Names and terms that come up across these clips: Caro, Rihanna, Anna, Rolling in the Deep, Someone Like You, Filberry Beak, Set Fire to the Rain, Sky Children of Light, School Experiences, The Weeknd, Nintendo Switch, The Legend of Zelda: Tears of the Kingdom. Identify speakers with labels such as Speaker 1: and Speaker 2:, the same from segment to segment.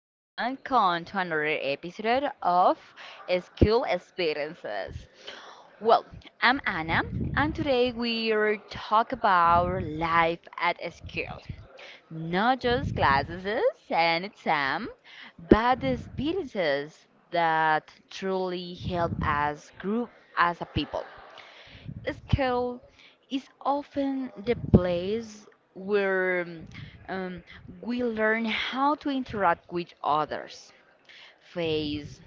Speaker 1: and welcome to another episode of School Experiences. Well, I'm Anna and today we are talk about life at school. Not just classes and exam, but the experiences that truly help us grow as a people. School is often the place where um, we learn how to interact with others, face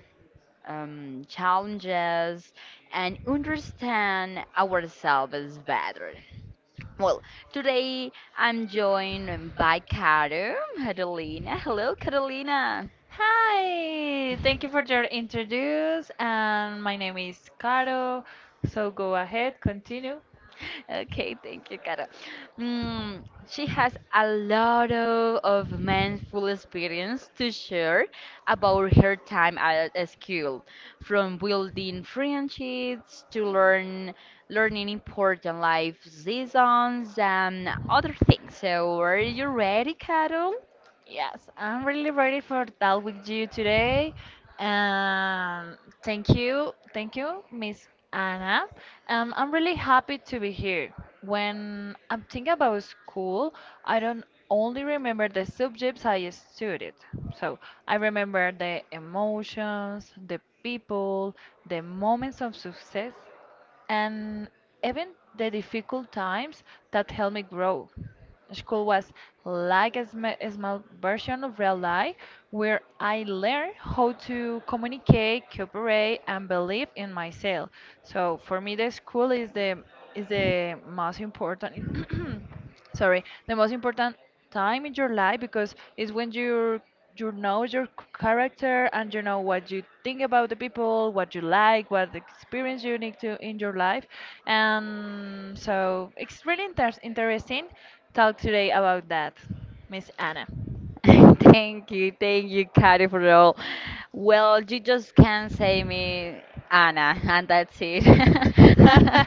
Speaker 1: challenges, and understand ourselves better. Well, today I'm joined by Karo, Catalina. Hello, Catalina.
Speaker 2: Hi, thank you for your introduce, and my name is Caro. So go ahead, continue.
Speaker 1: Okay, thank you, Cara. Mm, she has a lot of manful experience to share about her time at a school, from building friendships to learning important life lessons and other things. So, are you ready, Carol?
Speaker 2: Yes, I'm really ready for that with you today. Um, thank you, Miss Anna. I'm really happy to be here. When I'm thinking about school, I don't only remember the subjects I studied. So I remember the emotions, the people, the moments of success, and even the difficult times that helped me grow. School was like a small version of real life where I learned how to communicate, cooperate, and believe in myself. So for me, the school is the most important sorry the most important time in your life because it's when you know your character, and you know what you think about the people, what you like, what experience you need to in your life. And so it's really interesting talk today about that, miss anna.
Speaker 1: Thank you, Kari, for all. Well, you just can't say me Anna, and that's it.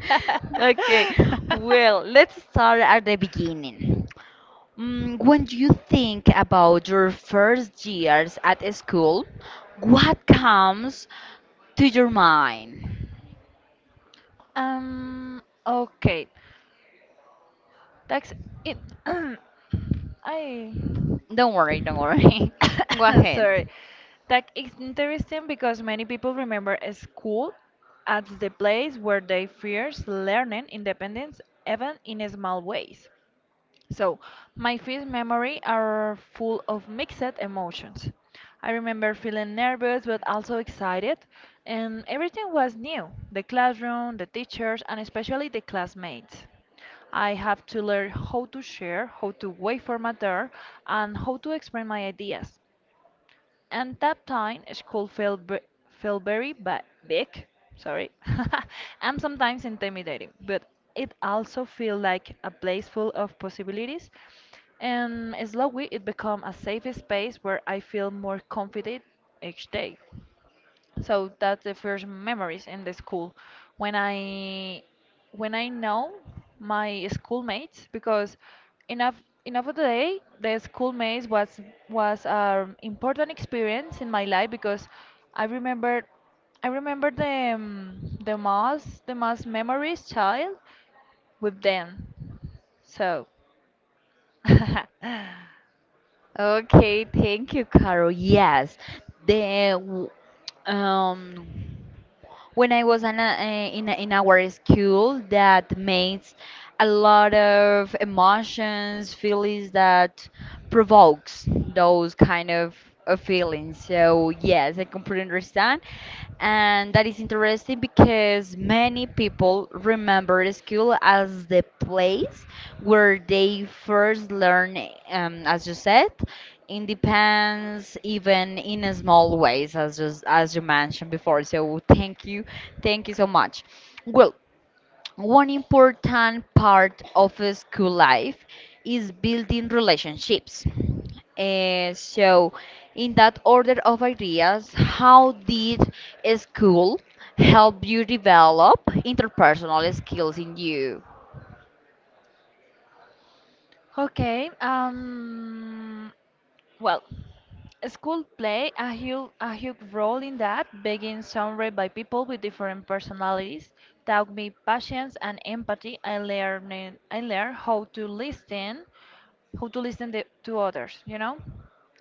Speaker 1: Okay, well, let's start at the beginning. Mm, when you think about your first years at school, what comes to your mind?
Speaker 2: Okay. That's it. I
Speaker 1: Don't worry. Go
Speaker 2: sorry.
Speaker 1: ahead.
Speaker 2: That is interesting because many people remember a school as the place where they first learned independence, even in small ways. So, my first memory are full of mixed emotions. I remember feeling nervous but also excited, and everything was new: the classroom, the teachers, and especially the classmates. I have to learn how to share, how to wait for matter, and how to explain my ideas. And that time is called Filberry Beak. Sorry, I'm sometimes intimidating, but it also feels like a place full of possibilities. And slowly, it becomes a safe space where I feel more confident each day. So that's the first memories in the school when I know my schoolmates, because enough enough of the day the schoolmates was an important experience in my life, because I remember I remember the most memories child with them. So
Speaker 1: Okay, thank you, Carol. Yes, the w- um when I was in, a, in, in our school that makes a lot of emotions, feelings that provokes those kind of feelings. So yes, I completely understand. And that is interesting because many people remember school as the place where they first learn, as you said, independence, even in a small ways, as just as you mentioned before. So thank you so much. Well, one important part of a school life is building relationships. So, in that order of ideas, how did a school help you develop interpersonal skills in you?
Speaker 2: Okay. Well, school play a huge role in that. Being surrounded by people with different personalities taught me patience and empathy. I learned how to listen to others, you know,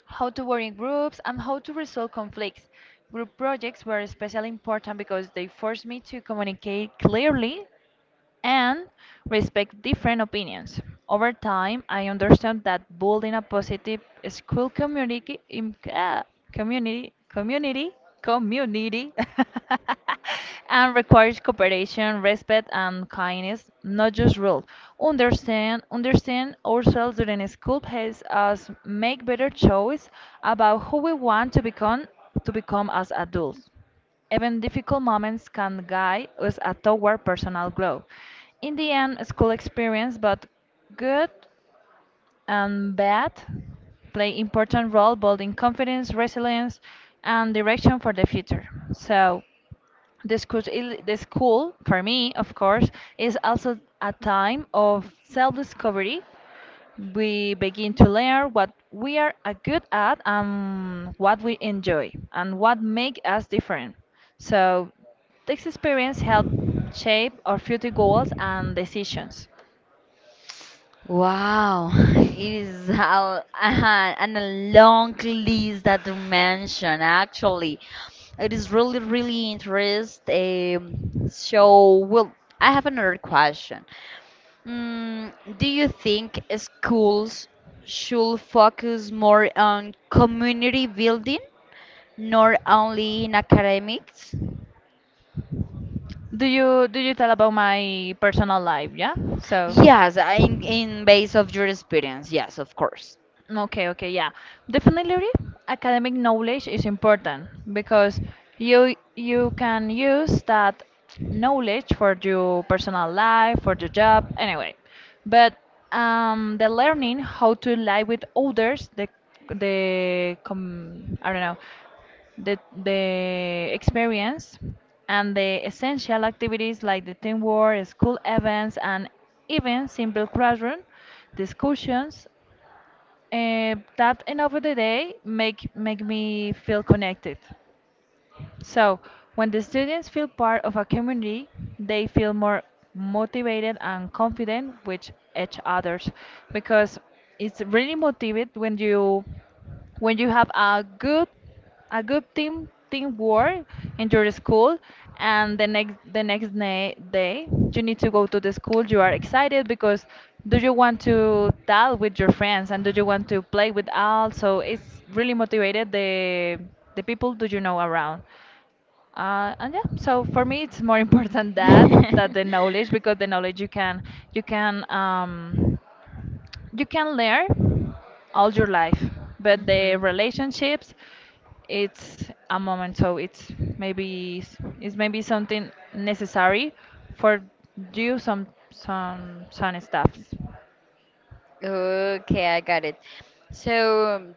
Speaker 2: how to work in groups and how to resolve conflicts. Group projects were especially important because they forced me to communicate clearly and respect different opinions. Over time, I understand that building a positive school community community and requires cooperation, respect, and kindness, not just rule. Understand ourselves during school helps us make better choice about who we want to become as adults. Even difficult moments can guide us a toward personal growth. In the end, school experience, both good and bad, play important role building confidence, resilience, and direction for the future. So, the school, the school for me, of course, is also a time of self-discovery. We begin to learn what we are good at, and what we enjoy, and what make us different. So this experience help shape our future goals and decisions.
Speaker 1: Wow, it is a, and a long list that you mentioned. Actually, it is really interesting. So, well, I have another question. Mm, do you think schools should focus more on community building, not only in academics?
Speaker 2: Do you tell about my personal life? Yeah. So
Speaker 1: Yes, in base of your experience, yes, of course.
Speaker 2: okay, okay, yeah. Definitely academic knowledge is important, because you can use that knowledge for your personal life, for your job, anyway. But the learning how to lie with others, I don't know, the experience and the essential activities like the teamwork, school events, and even simple classroom discussions that, and over the day, make me feel connected. So, when the students feel part of a community, they feel more motivated and confident with each others, because it's really motivated when you have a good team teamwork in your school, and the day you need to go to the school, you are excited because do you want to tell with your friends, and do you want to play with all. So it's really motivated the people do you know around, and yeah, so for me, it's more important that the knowledge, because the knowledge you can you can um, you can learn all your life, but the
Speaker 1: Mhm.
Speaker 2: relationships, it's a moment. So it's it's maybe something necessary for do some stuff.
Speaker 1: Okay, I got it. So,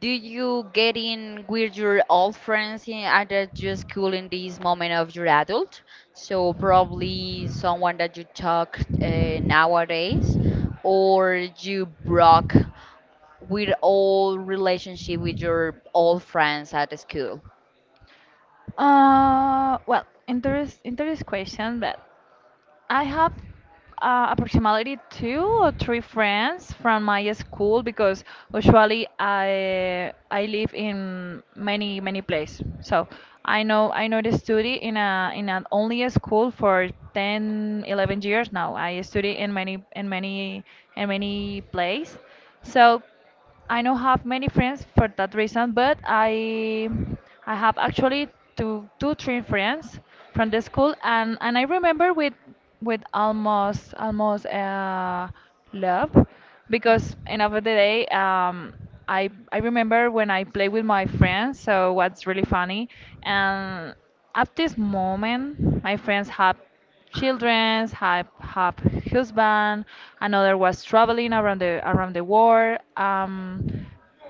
Speaker 1: do you get in with your old friends in, at your school in this moment of your adult? So, probably someone that you talk nowadays, or you broke with all relationship with your old friends at the school?
Speaker 2: Well, interest question, but I have approximately two or three friends from my school, because usually I live in many places. So I know the study in a in an only a school for 10, 11 years now. I study in many in many in many places. So. I don't have many friends for that reason, but I have actually 2, 2, 3 friends from the school, and I remember with almost love, because end of the day I remember when I play with my friends, so what's really funny, and at this moment my friends have children, have husband, another was traveling around the world.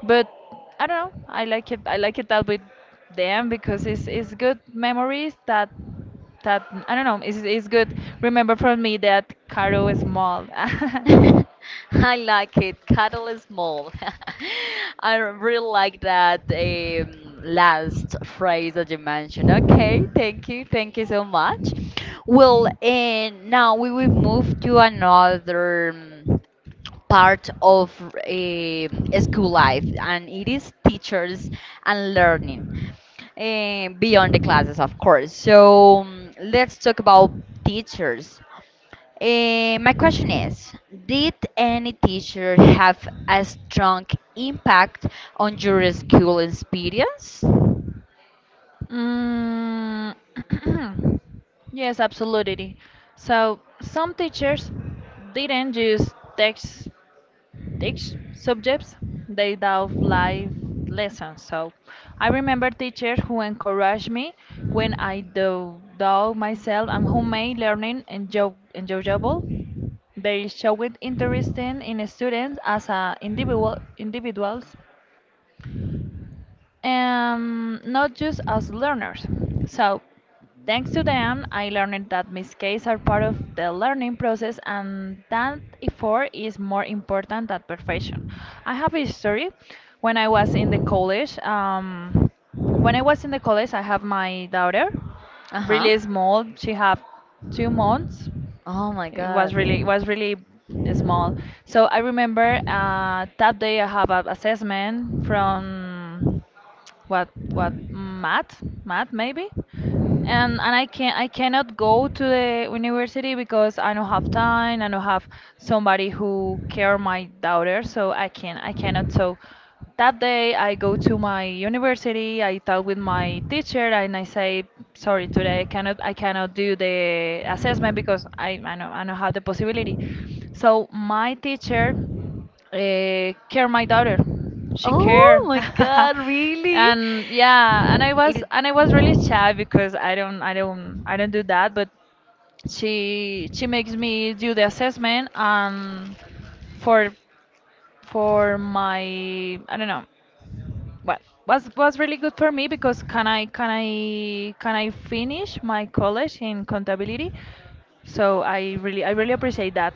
Speaker 2: But I don't know. I like it that with them, because it's good memories that I don't know. It's good. Remember from me that Caro is small.
Speaker 1: I like it. Cattle is small. I really like that last phrase that you mentioned. Okay, thank you. Thank you so much. Well, and now we will move to another part of school life, and it is teachers and learning beyond the classes, of course. So let's talk about teachers. My question is, did any teacher have a strong impact on your school experience?
Speaker 2: Mm, yes, absolutely. So some teachers didn't use text teach subjects, they taught life lessons. So I remember teachers who encouraged me when I do doubt myself and who made learning enjoyable. They showed interest in students as a individuals, and not just as learners. So, thanks to them, I learned that mistakes are part of the learning process and that effort is more important than perfection. I have a story when I was in the college. When I was in the college, I have my daughter,
Speaker 1: Uh-huh.
Speaker 2: really small. She have 2 months,
Speaker 1: Oh my God.
Speaker 2: it was really small. So I remember that day I have an assessment from what math maybe, and I cannot go to the university because I don't have time. I don't have somebody who care my daughter, so I cannot. So that day I go to my university. I talk with my teacher and I say, sorry, today I cannot do the assessment because I don't have the possibility. So my teacher care my daughter. She care.
Speaker 1: Oh my God, really?
Speaker 2: and yeah, and
Speaker 1: It
Speaker 2: I was really
Speaker 1: is-
Speaker 2: shy because I don't do that, but she makes me do the assessment, and for my I don't know. What was really good for me, because can I finish my college in contability? So I really appreciate that.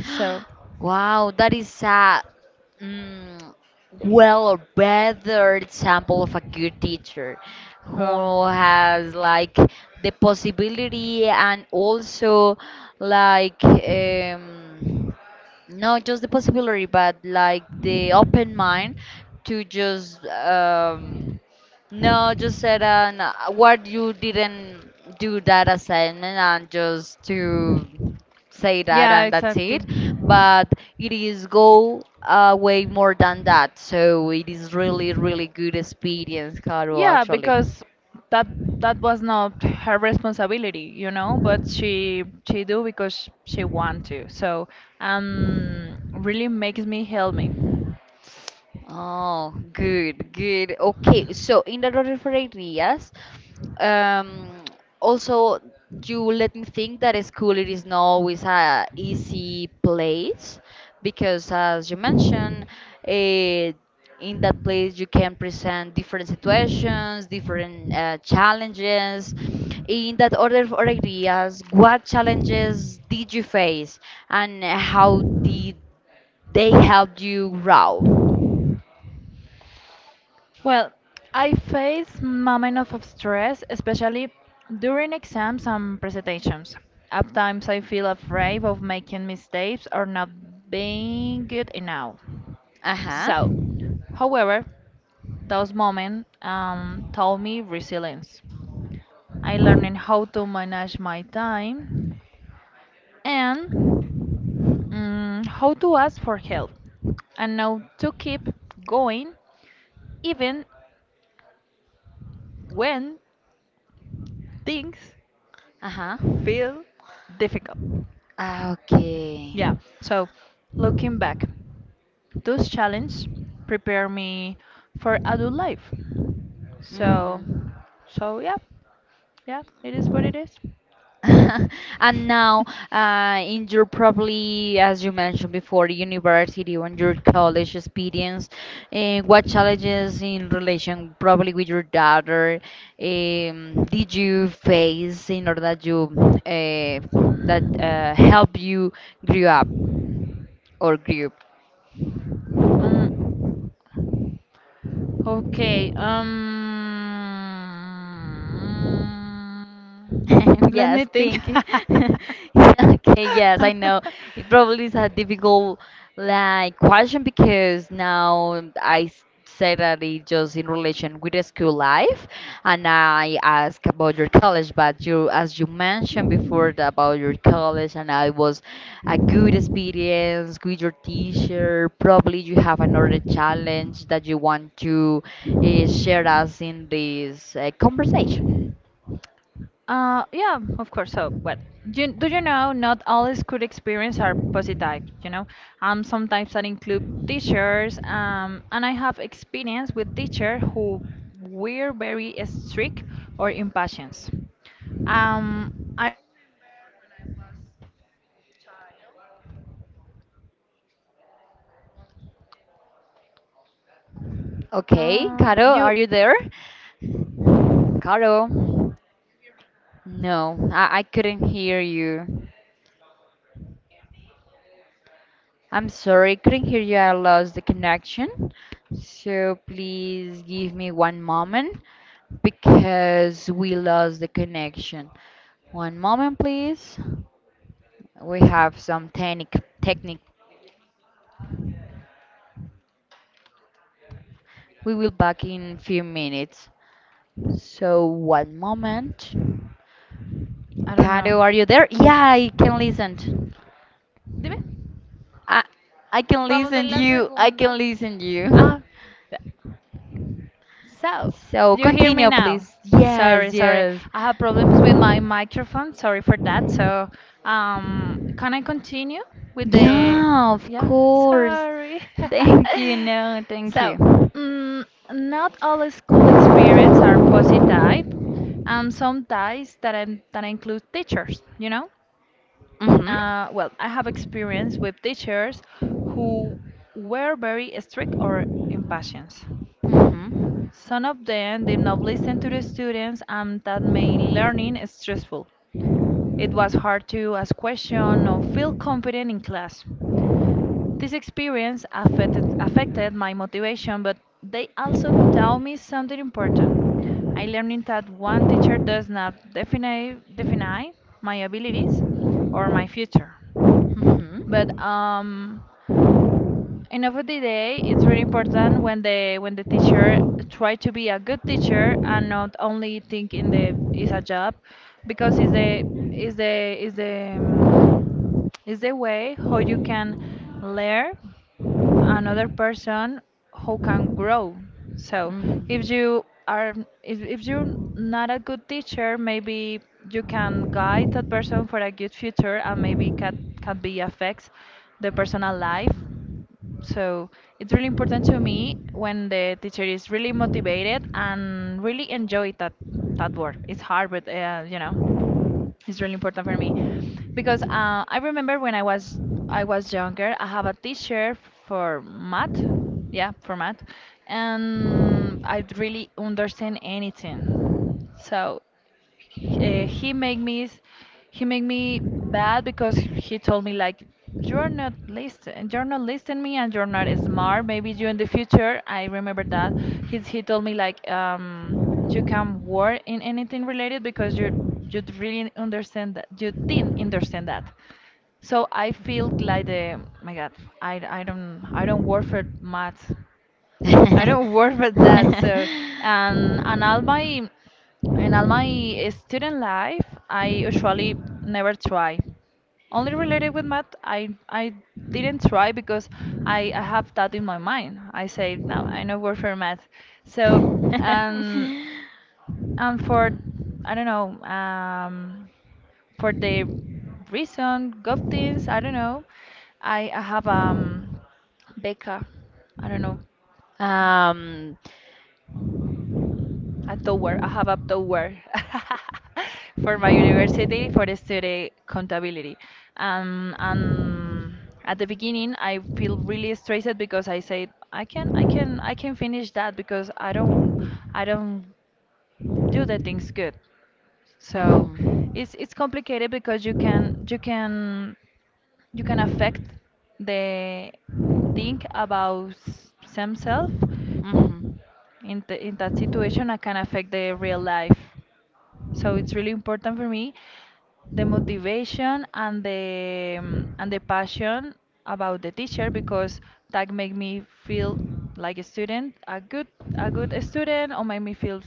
Speaker 2: So
Speaker 1: Wow, that is a mm, well better sample of a good teacher
Speaker 2: Wow.
Speaker 1: who has like the possibility and also like not just the possibility but like the open mind to just no, just said no, what you didn't do that assignment and just to say that
Speaker 2: Yeah,
Speaker 1: and that's
Speaker 2: exactly.
Speaker 1: it but it is go way more than that. So it is really good experience, Caro,
Speaker 2: Yeah,
Speaker 1: actually.
Speaker 2: because that that was not her responsibility, you know, but she do because she want to. So, really makes me help me.
Speaker 1: Oh, good, good. Okay, so in the order for ideas, um, also you let me think that school it is not always a easy place because as you mentioned, eh, in that place you can present different situations, different challenges. In that order of ideas, what challenges did you face and how did they help you grow?
Speaker 2: Well, I face moment of stress, especially during exams and presentations. At times I feel afraid of making mistakes or not being good enough.
Speaker 1: Ajá,
Speaker 2: So, however, those moments taught me resilience. I learned how to manage my time, and how to ask for help, and now to keep going even when things
Speaker 1: ajá.
Speaker 2: feel difficult.
Speaker 1: Ah, okay.
Speaker 2: Yeah, so looking back, those challenges prepare me for adult life. So,
Speaker 1: Hmm.
Speaker 2: so yeah, yeah, it is what it is.
Speaker 1: And now, in your probably, as you mentioned before, university or your college experience, what challenges in relation probably with your daughter did you face in order that you uh, that help you grew up or grew?
Speaker 2: Um. Okay. Let me
Speaker 1: Yes,
Speaker 2: think.
Speaker 1: thinking. Okay, yes, I know. It probably is a difficult like question because now I said that it just in relation with the school life, and I ask about your college, but you as you mentioned before about your college, and I was a good experience with your teacher. Probably you have another challenge that you want to share us in this conversation.
Speaker 2: Yeah, of course. So, do you know? Not all school experience are positive. You know, sometimes that include teachers. And I have experience with teachers who were very strict or impatient. Um,
Speaker 1: Okay, Caro,
Speaker 2: uh, you,
Speaker 1: are you there? Caro, no, I couldn't hear you. I'm sorry, couldn't hear you. I lost the connection. So please give me one moment because we lost the connection. One moment, please. We have some technic. We will back in few minutes. So one moment.
Speaker 2: I don't know.
Speaker 1: Caro, are you there? Yeah, I can listen.
Speaker 2: Dime.
Speaker 1: I I can
Speaker 2: Vamos
Speaker 1: listen
Speaker 2: en la
Speaker 1: you. I
Speaker 2: segunda.
Speaker 1: can listen you.
Speaker 2: Ah, so
Speaker 1: So
Speaker 2: you hear me
Speaker 1: continue,
Speaker 2: now?
Speaker 1: please. Yes,
Speaker 2: Sorry.
Speaker 1: yes.
Speaker 2: I have problems with my microphone. Sorry for that. So, can I continue with the?
Speaker 1: Yeah, of
Speaker 2: Yeah,
Speaker 1: course.
Speaker 2: sorry.
Speaker 1: Thank you. No, thank
Speaker 2: So,
Speaker 1: you.
Speaker 2: mm, not all school experience are positive, and some ties that, that include teachers, you know?
Speaker 1: Mhm.
Speaker 2: Well, I have experience with teachers who were very strict or impatient.
Speaker 1: Mhm.
Speaker 2: Some of them did not listen to the students, and that made learning stressful. It was hard to ask questions or feel confident in class. This experience affected my motivation, but they also taught me something important. I learned that one teacher does not define my abilities or my future.
Speaker 1: Mhm.
Speaker 2: But end of the day it's really important when the teacher try to be a good teacher, and not only think in the is a job, because
Speaker 1: Mhm.
Speaker 2: is the way how you can learn another person who can grow. So if you are if you're not a good teacher, maybe you can guide that person for a good future, and maybe can be affects the personal life. So it's really important to me when the teacher is really motivated and really enjoy that work. It's hard, but it's really important for me because I remember when I was younger, I have a teacher for math, yeah, for math, and I really understand anything. So uh, he make me s- he make me bad because he told me like you're not listen you're not listening me and you're not smart maybe you in the future, I remember that. He told me like you can work in anything related because you really understand that, you didn't understand that. So I feel like the my god, I don't I don't work for math. I don't work with that. So, and all my in all my student life, I usually never try. Only related with math, I didn't try because I have that in my mind. I say no, I no work for math. So, and and for I don't know, for the reason, golf teams, I don't know. I have beca. I don't know.
Speaker 1: um,
Speaker 2: A tower, I have a tower for my university for study contability. And at the beginning, I feel really stressed because I said I can finish that because I don't do the things good. So
Speaker 1: mhm,
Speaker 2: it's complicated because you can affect the think about themselves
Speaker 1: mhm.
Speaker 2: in that situation and can affect the real life. So it's really important for me the motivation and the passion about the teacher because that make me feel like a student, a good student, or make me feel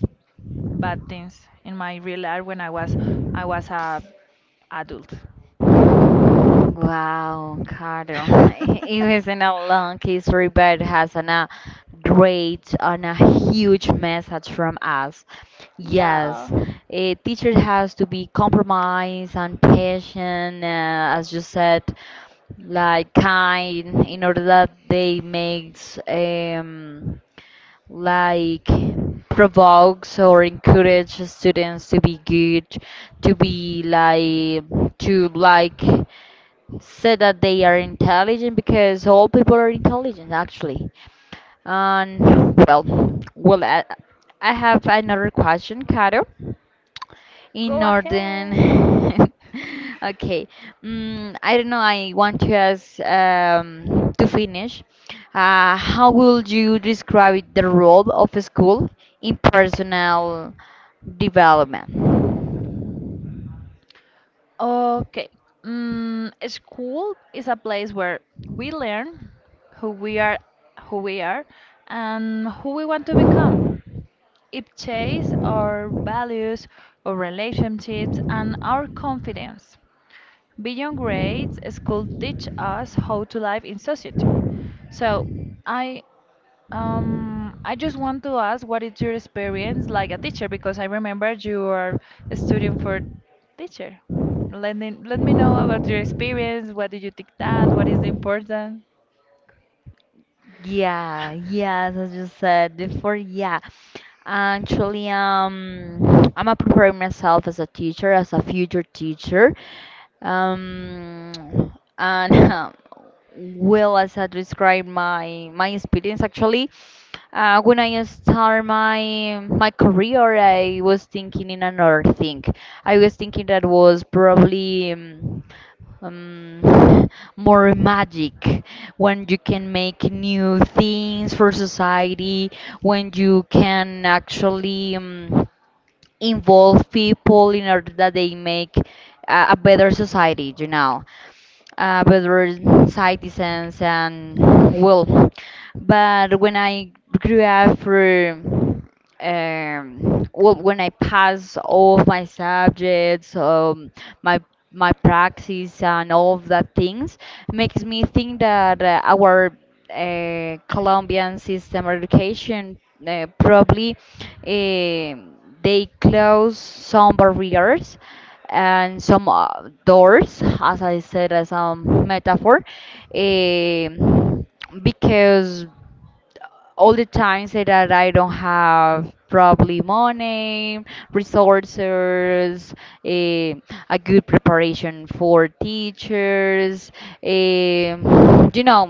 Speaker 2: bad things in my real life when I was a adult.
Speaker 1: Wow, Carter. It isn't a long history, but it has an, a great and a huge message from us.
Speaker 2: Yeah,
Speaker 1: Yes, a teacher has to be compromised and patient, as you said, like kind, in order that they makes like provokes or encourage students to be good, to be like to like say that they are intelligent because all people are intelligent actually. And Well, I have another question, Caro in
Speaker 2: go
Speaker 1: northern
Speaker 2: ahead.
Speaker 1: okay I don't know I want to ask to finish how would you describe the role of a school in personal development?
Speaker 2: Okay. Mm, school is a place where we learn who we are, who we are, and who we want to become. It shapes our values, our relationships, and our confidence. Beyond grades, school teach us how to live in society. So I I just want to ask what is your experience like a teacher because I remember you are a student for teacher. Let me know about your experience. What did you think that? What is important?
Speaker 1: Yeah, yes, as you said before, yeah. Actually, I'm preparing myself as a teacher, as a future teacher. Um, and well, as I describe my experience, actually, when I start my career, I was thinking in another thing. I was thinking that was probably. Um, more magic when you can make new things for society when you can actually involve people in order that they make a better society you know better citizens and well but when I grew up through well when I passed all of my subjects my my practice and all of that things makes me think that our Colombian system of education probably uh, they close some barriers and some doors, as I said, as a metaphor, um, because all the times that I don't have probably money, resources, a, a good preparation for teachers, um you know,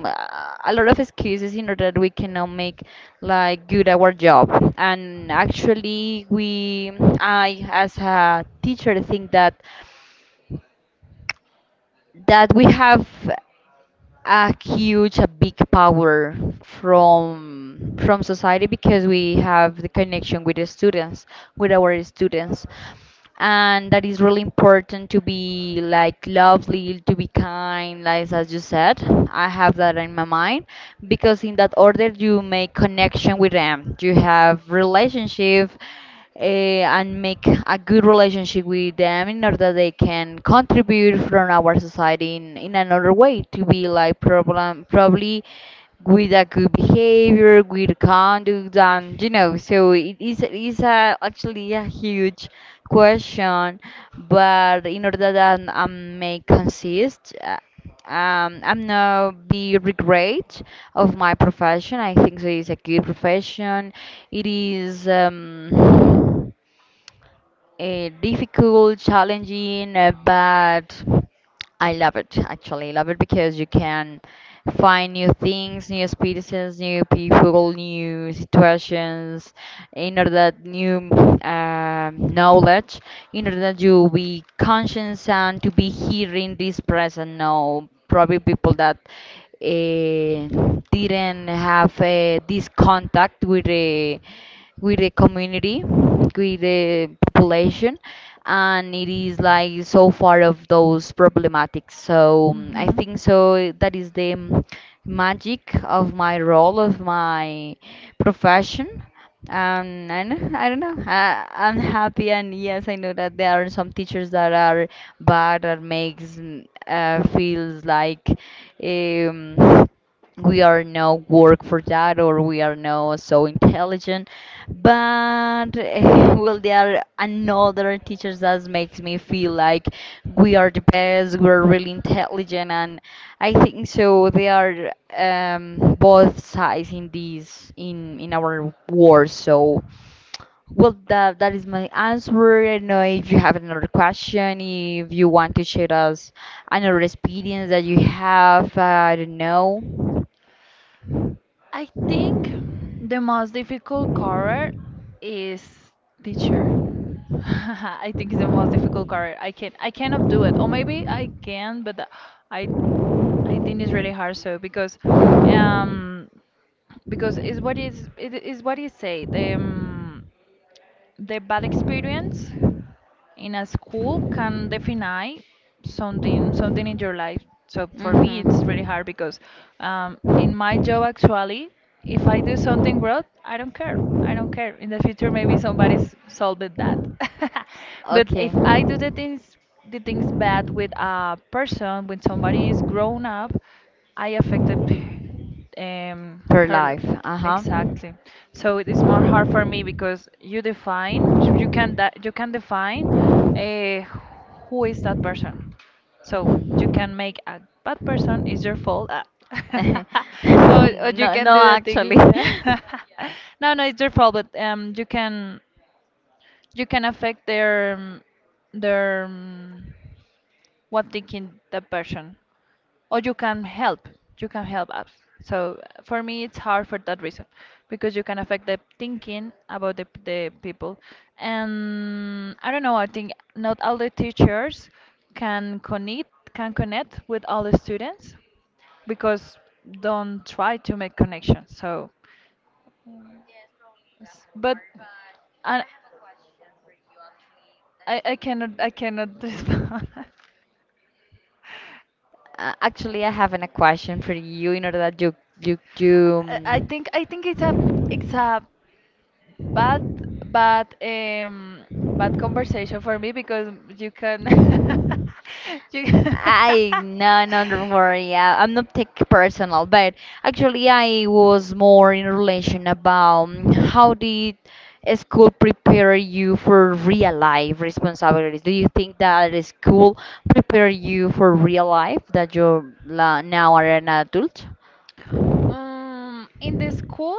Speaker 1: a lot of excuses in order that we cannot make like good our job. And actually, we, I as a teacher think that that we have a huge, a big power from society because we have the connection with the students, with our students, and that is really important to be like lovely, to be kind, like as you said. I have that in my mind because in that order you make connection with them, you have relationship and make a good relationship with them in order that they can contribute from our society in another way to be like problem probably with a good behavior, good conduct, and you know, so it is a, actually a huge question, but in order that may consist. I'm not be regret of my profession. I think it is a good profession. It is. Difficult, challenging, but I love it. Actually, love it because you can find new things, new experiences, new people, new situations, in order that new knowledge, in order that you be conscious and to be here in this present now. Probably people that didn't have this contact with. With the community, with the population, and it is like so far of those problematics. So I
Speaker 2: Hmm.
Speaker 1: think so that is the magic of my role of my profession. I don't know. I, I'm happy, and yes, I know that there are some teachers that are bad that makes feels like um, we are no work for that or we are not so intelligent but well there are another teachers that makes me feel like we are the best we're really intelligent and I think so they are both sides in this in our war so well that that is my answer I don't know if you have another question if you want to share us another experience that you have I don't know.
Speaker 2: I think the most difficult career is teacher. I think it's the most difficult career. I cannot do it, or maybe I can, but I I think it's really hard so um because is what is it is what you say the bad experience in a school can define something in your life. So for me, it's
Speaker 1: Mm-hmm.
Speaker 2: really hard because in my job actually, if I do something wrong, I don't care. I don't care. In the future, maybe somebody's solved it that. But
Speaker 1: Okay.
Speaker 2: if I do the things bad with a person, when somebody is grown up, I affected
Speaker 1: Per
Speaker 2: her,
Speaker 1: life. Uh-huh.
Speaker 2: exactly. So it is more hard for me because you can define uh, who is that person. So you can make a bad person is your fault, ah.
Speaker 1: Mhm.
Speaker 2: or, or you
Speaker 1: No,
Speaker 2: can
Speaker 1: no,
Speaker 2: do that thing.
Speaker 1: actually.
Speaker 2: No, no, it's your fault, but you can affect their what thinking the person, or you can help, you can help us. So for me it's hard for that reason because you can affect the thinking about the people, and I don't know. I think not all the teachers can connect with all the students because don't try to make connections. So but I, I cannot respond.
Speaker 1: Actually, I have a question for you in order that you you you um,
Speaker 2: I think it's a it's a, but but um bad conversation for me because you can you
Speaker 1: I no, no, don't worry. I, I'm not take personal, but actually, I was more in relation about how did school prepare you for real life responsibilities? Do you think that school prepare you for real life that you now are an adult?
Speaker 2: can in the school,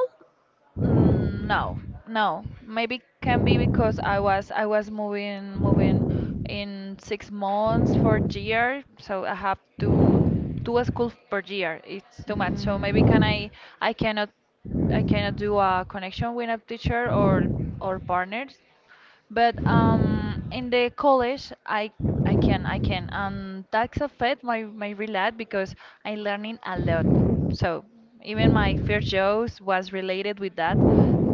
Speaker 2: mm, no, no. Maybe can be because I was moving moving in 6 months for year, so I have to do a school per year. It's too much. So maybe can I, I cannot I cannot do a connection with a teacher or partners. But in the college, I can and that's affect my my real life because I'm learning a lot. So even my first jobs was related with that.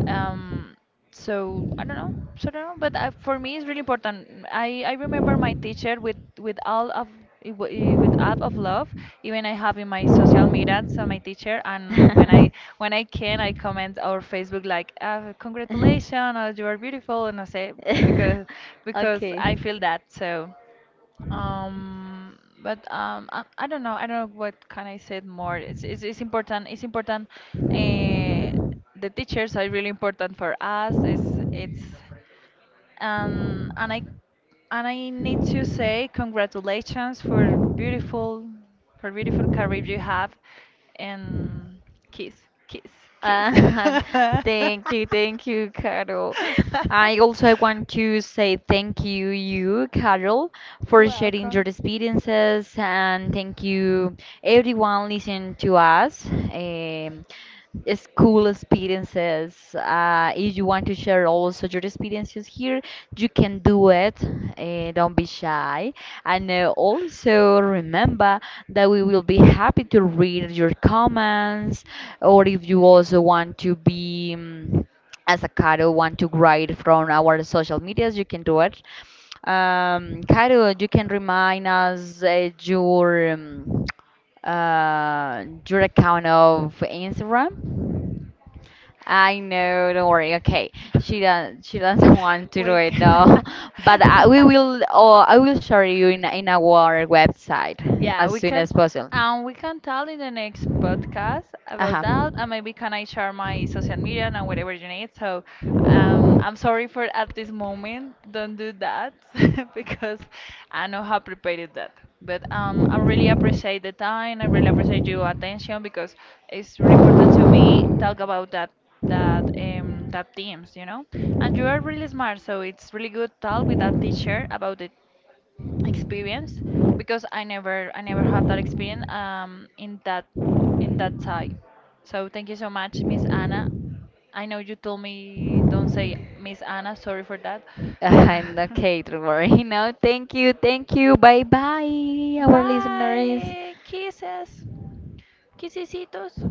Speaker 2: Um, so I don't know, so I don't know. But for me, it's really important. I remember my teacher with all of it, with app of love. Even I have in my social media, so my teacher, and when I can, I comment our Facebook like, congratulations, or you are beautiful, and I say eh, because I feel that so. But I don't know. I don't know what can I say more. It's important. It's important. Uh, the teachers are really important for us. It's it's. And I and I need to say congratulations for beautiful career you have, and kiss kiss kiss.
Speaker 1: Uh, thank you, Carol. I also want to say thank you, you, Carol, for sharing your
Speaker 2: Welcome.
Speaker 1: experiences, and thank you, everyone listening to us. Um, is cool experiences. If you want to share also your experiences here, you can do it. Don't be shy. And also remember that we will be happy to read your comments, or if you also want to be. As a Caro want to write from our social medias, you can do it. Caro, you can remind us your account of Instagram? I know, don't worry. Okay, she doesn't. She doesn't want to do
Speaker 2: We
Speaker 1: it
Speaker 2: can.
Speaker 1: now, but I, we will. Or I will show you in our website
Speaker 2: Yeah,
Speaker 1: as
Speaker 2: we
Speaker 1: soon
Speaker 2: can,
Speaker 1: as possible.
Speaker 2: and we can tell in the next podcast about
Speaker 1: Uh-huh.
Speaker 2: that, and maybe can I share my social media and whatever you need. So I'm sorry for at this moment. Don't do that because I know how prepared that. But I really appreciate the time. I really appreciate your attention because it's really important to me talk about that that themes, you know. And you are really smart, so it's really good talk with that teacher about it experience because I never had that experience in that side. So thank you so much, Miss Anna. I know you told me don't say Miss Anna, sorry for that.
Speaker 1: And okay, don't worry. No, thank you, thank you. Bye bye, our listeners.
Speaker 2: Bye, kisses, kissesitos.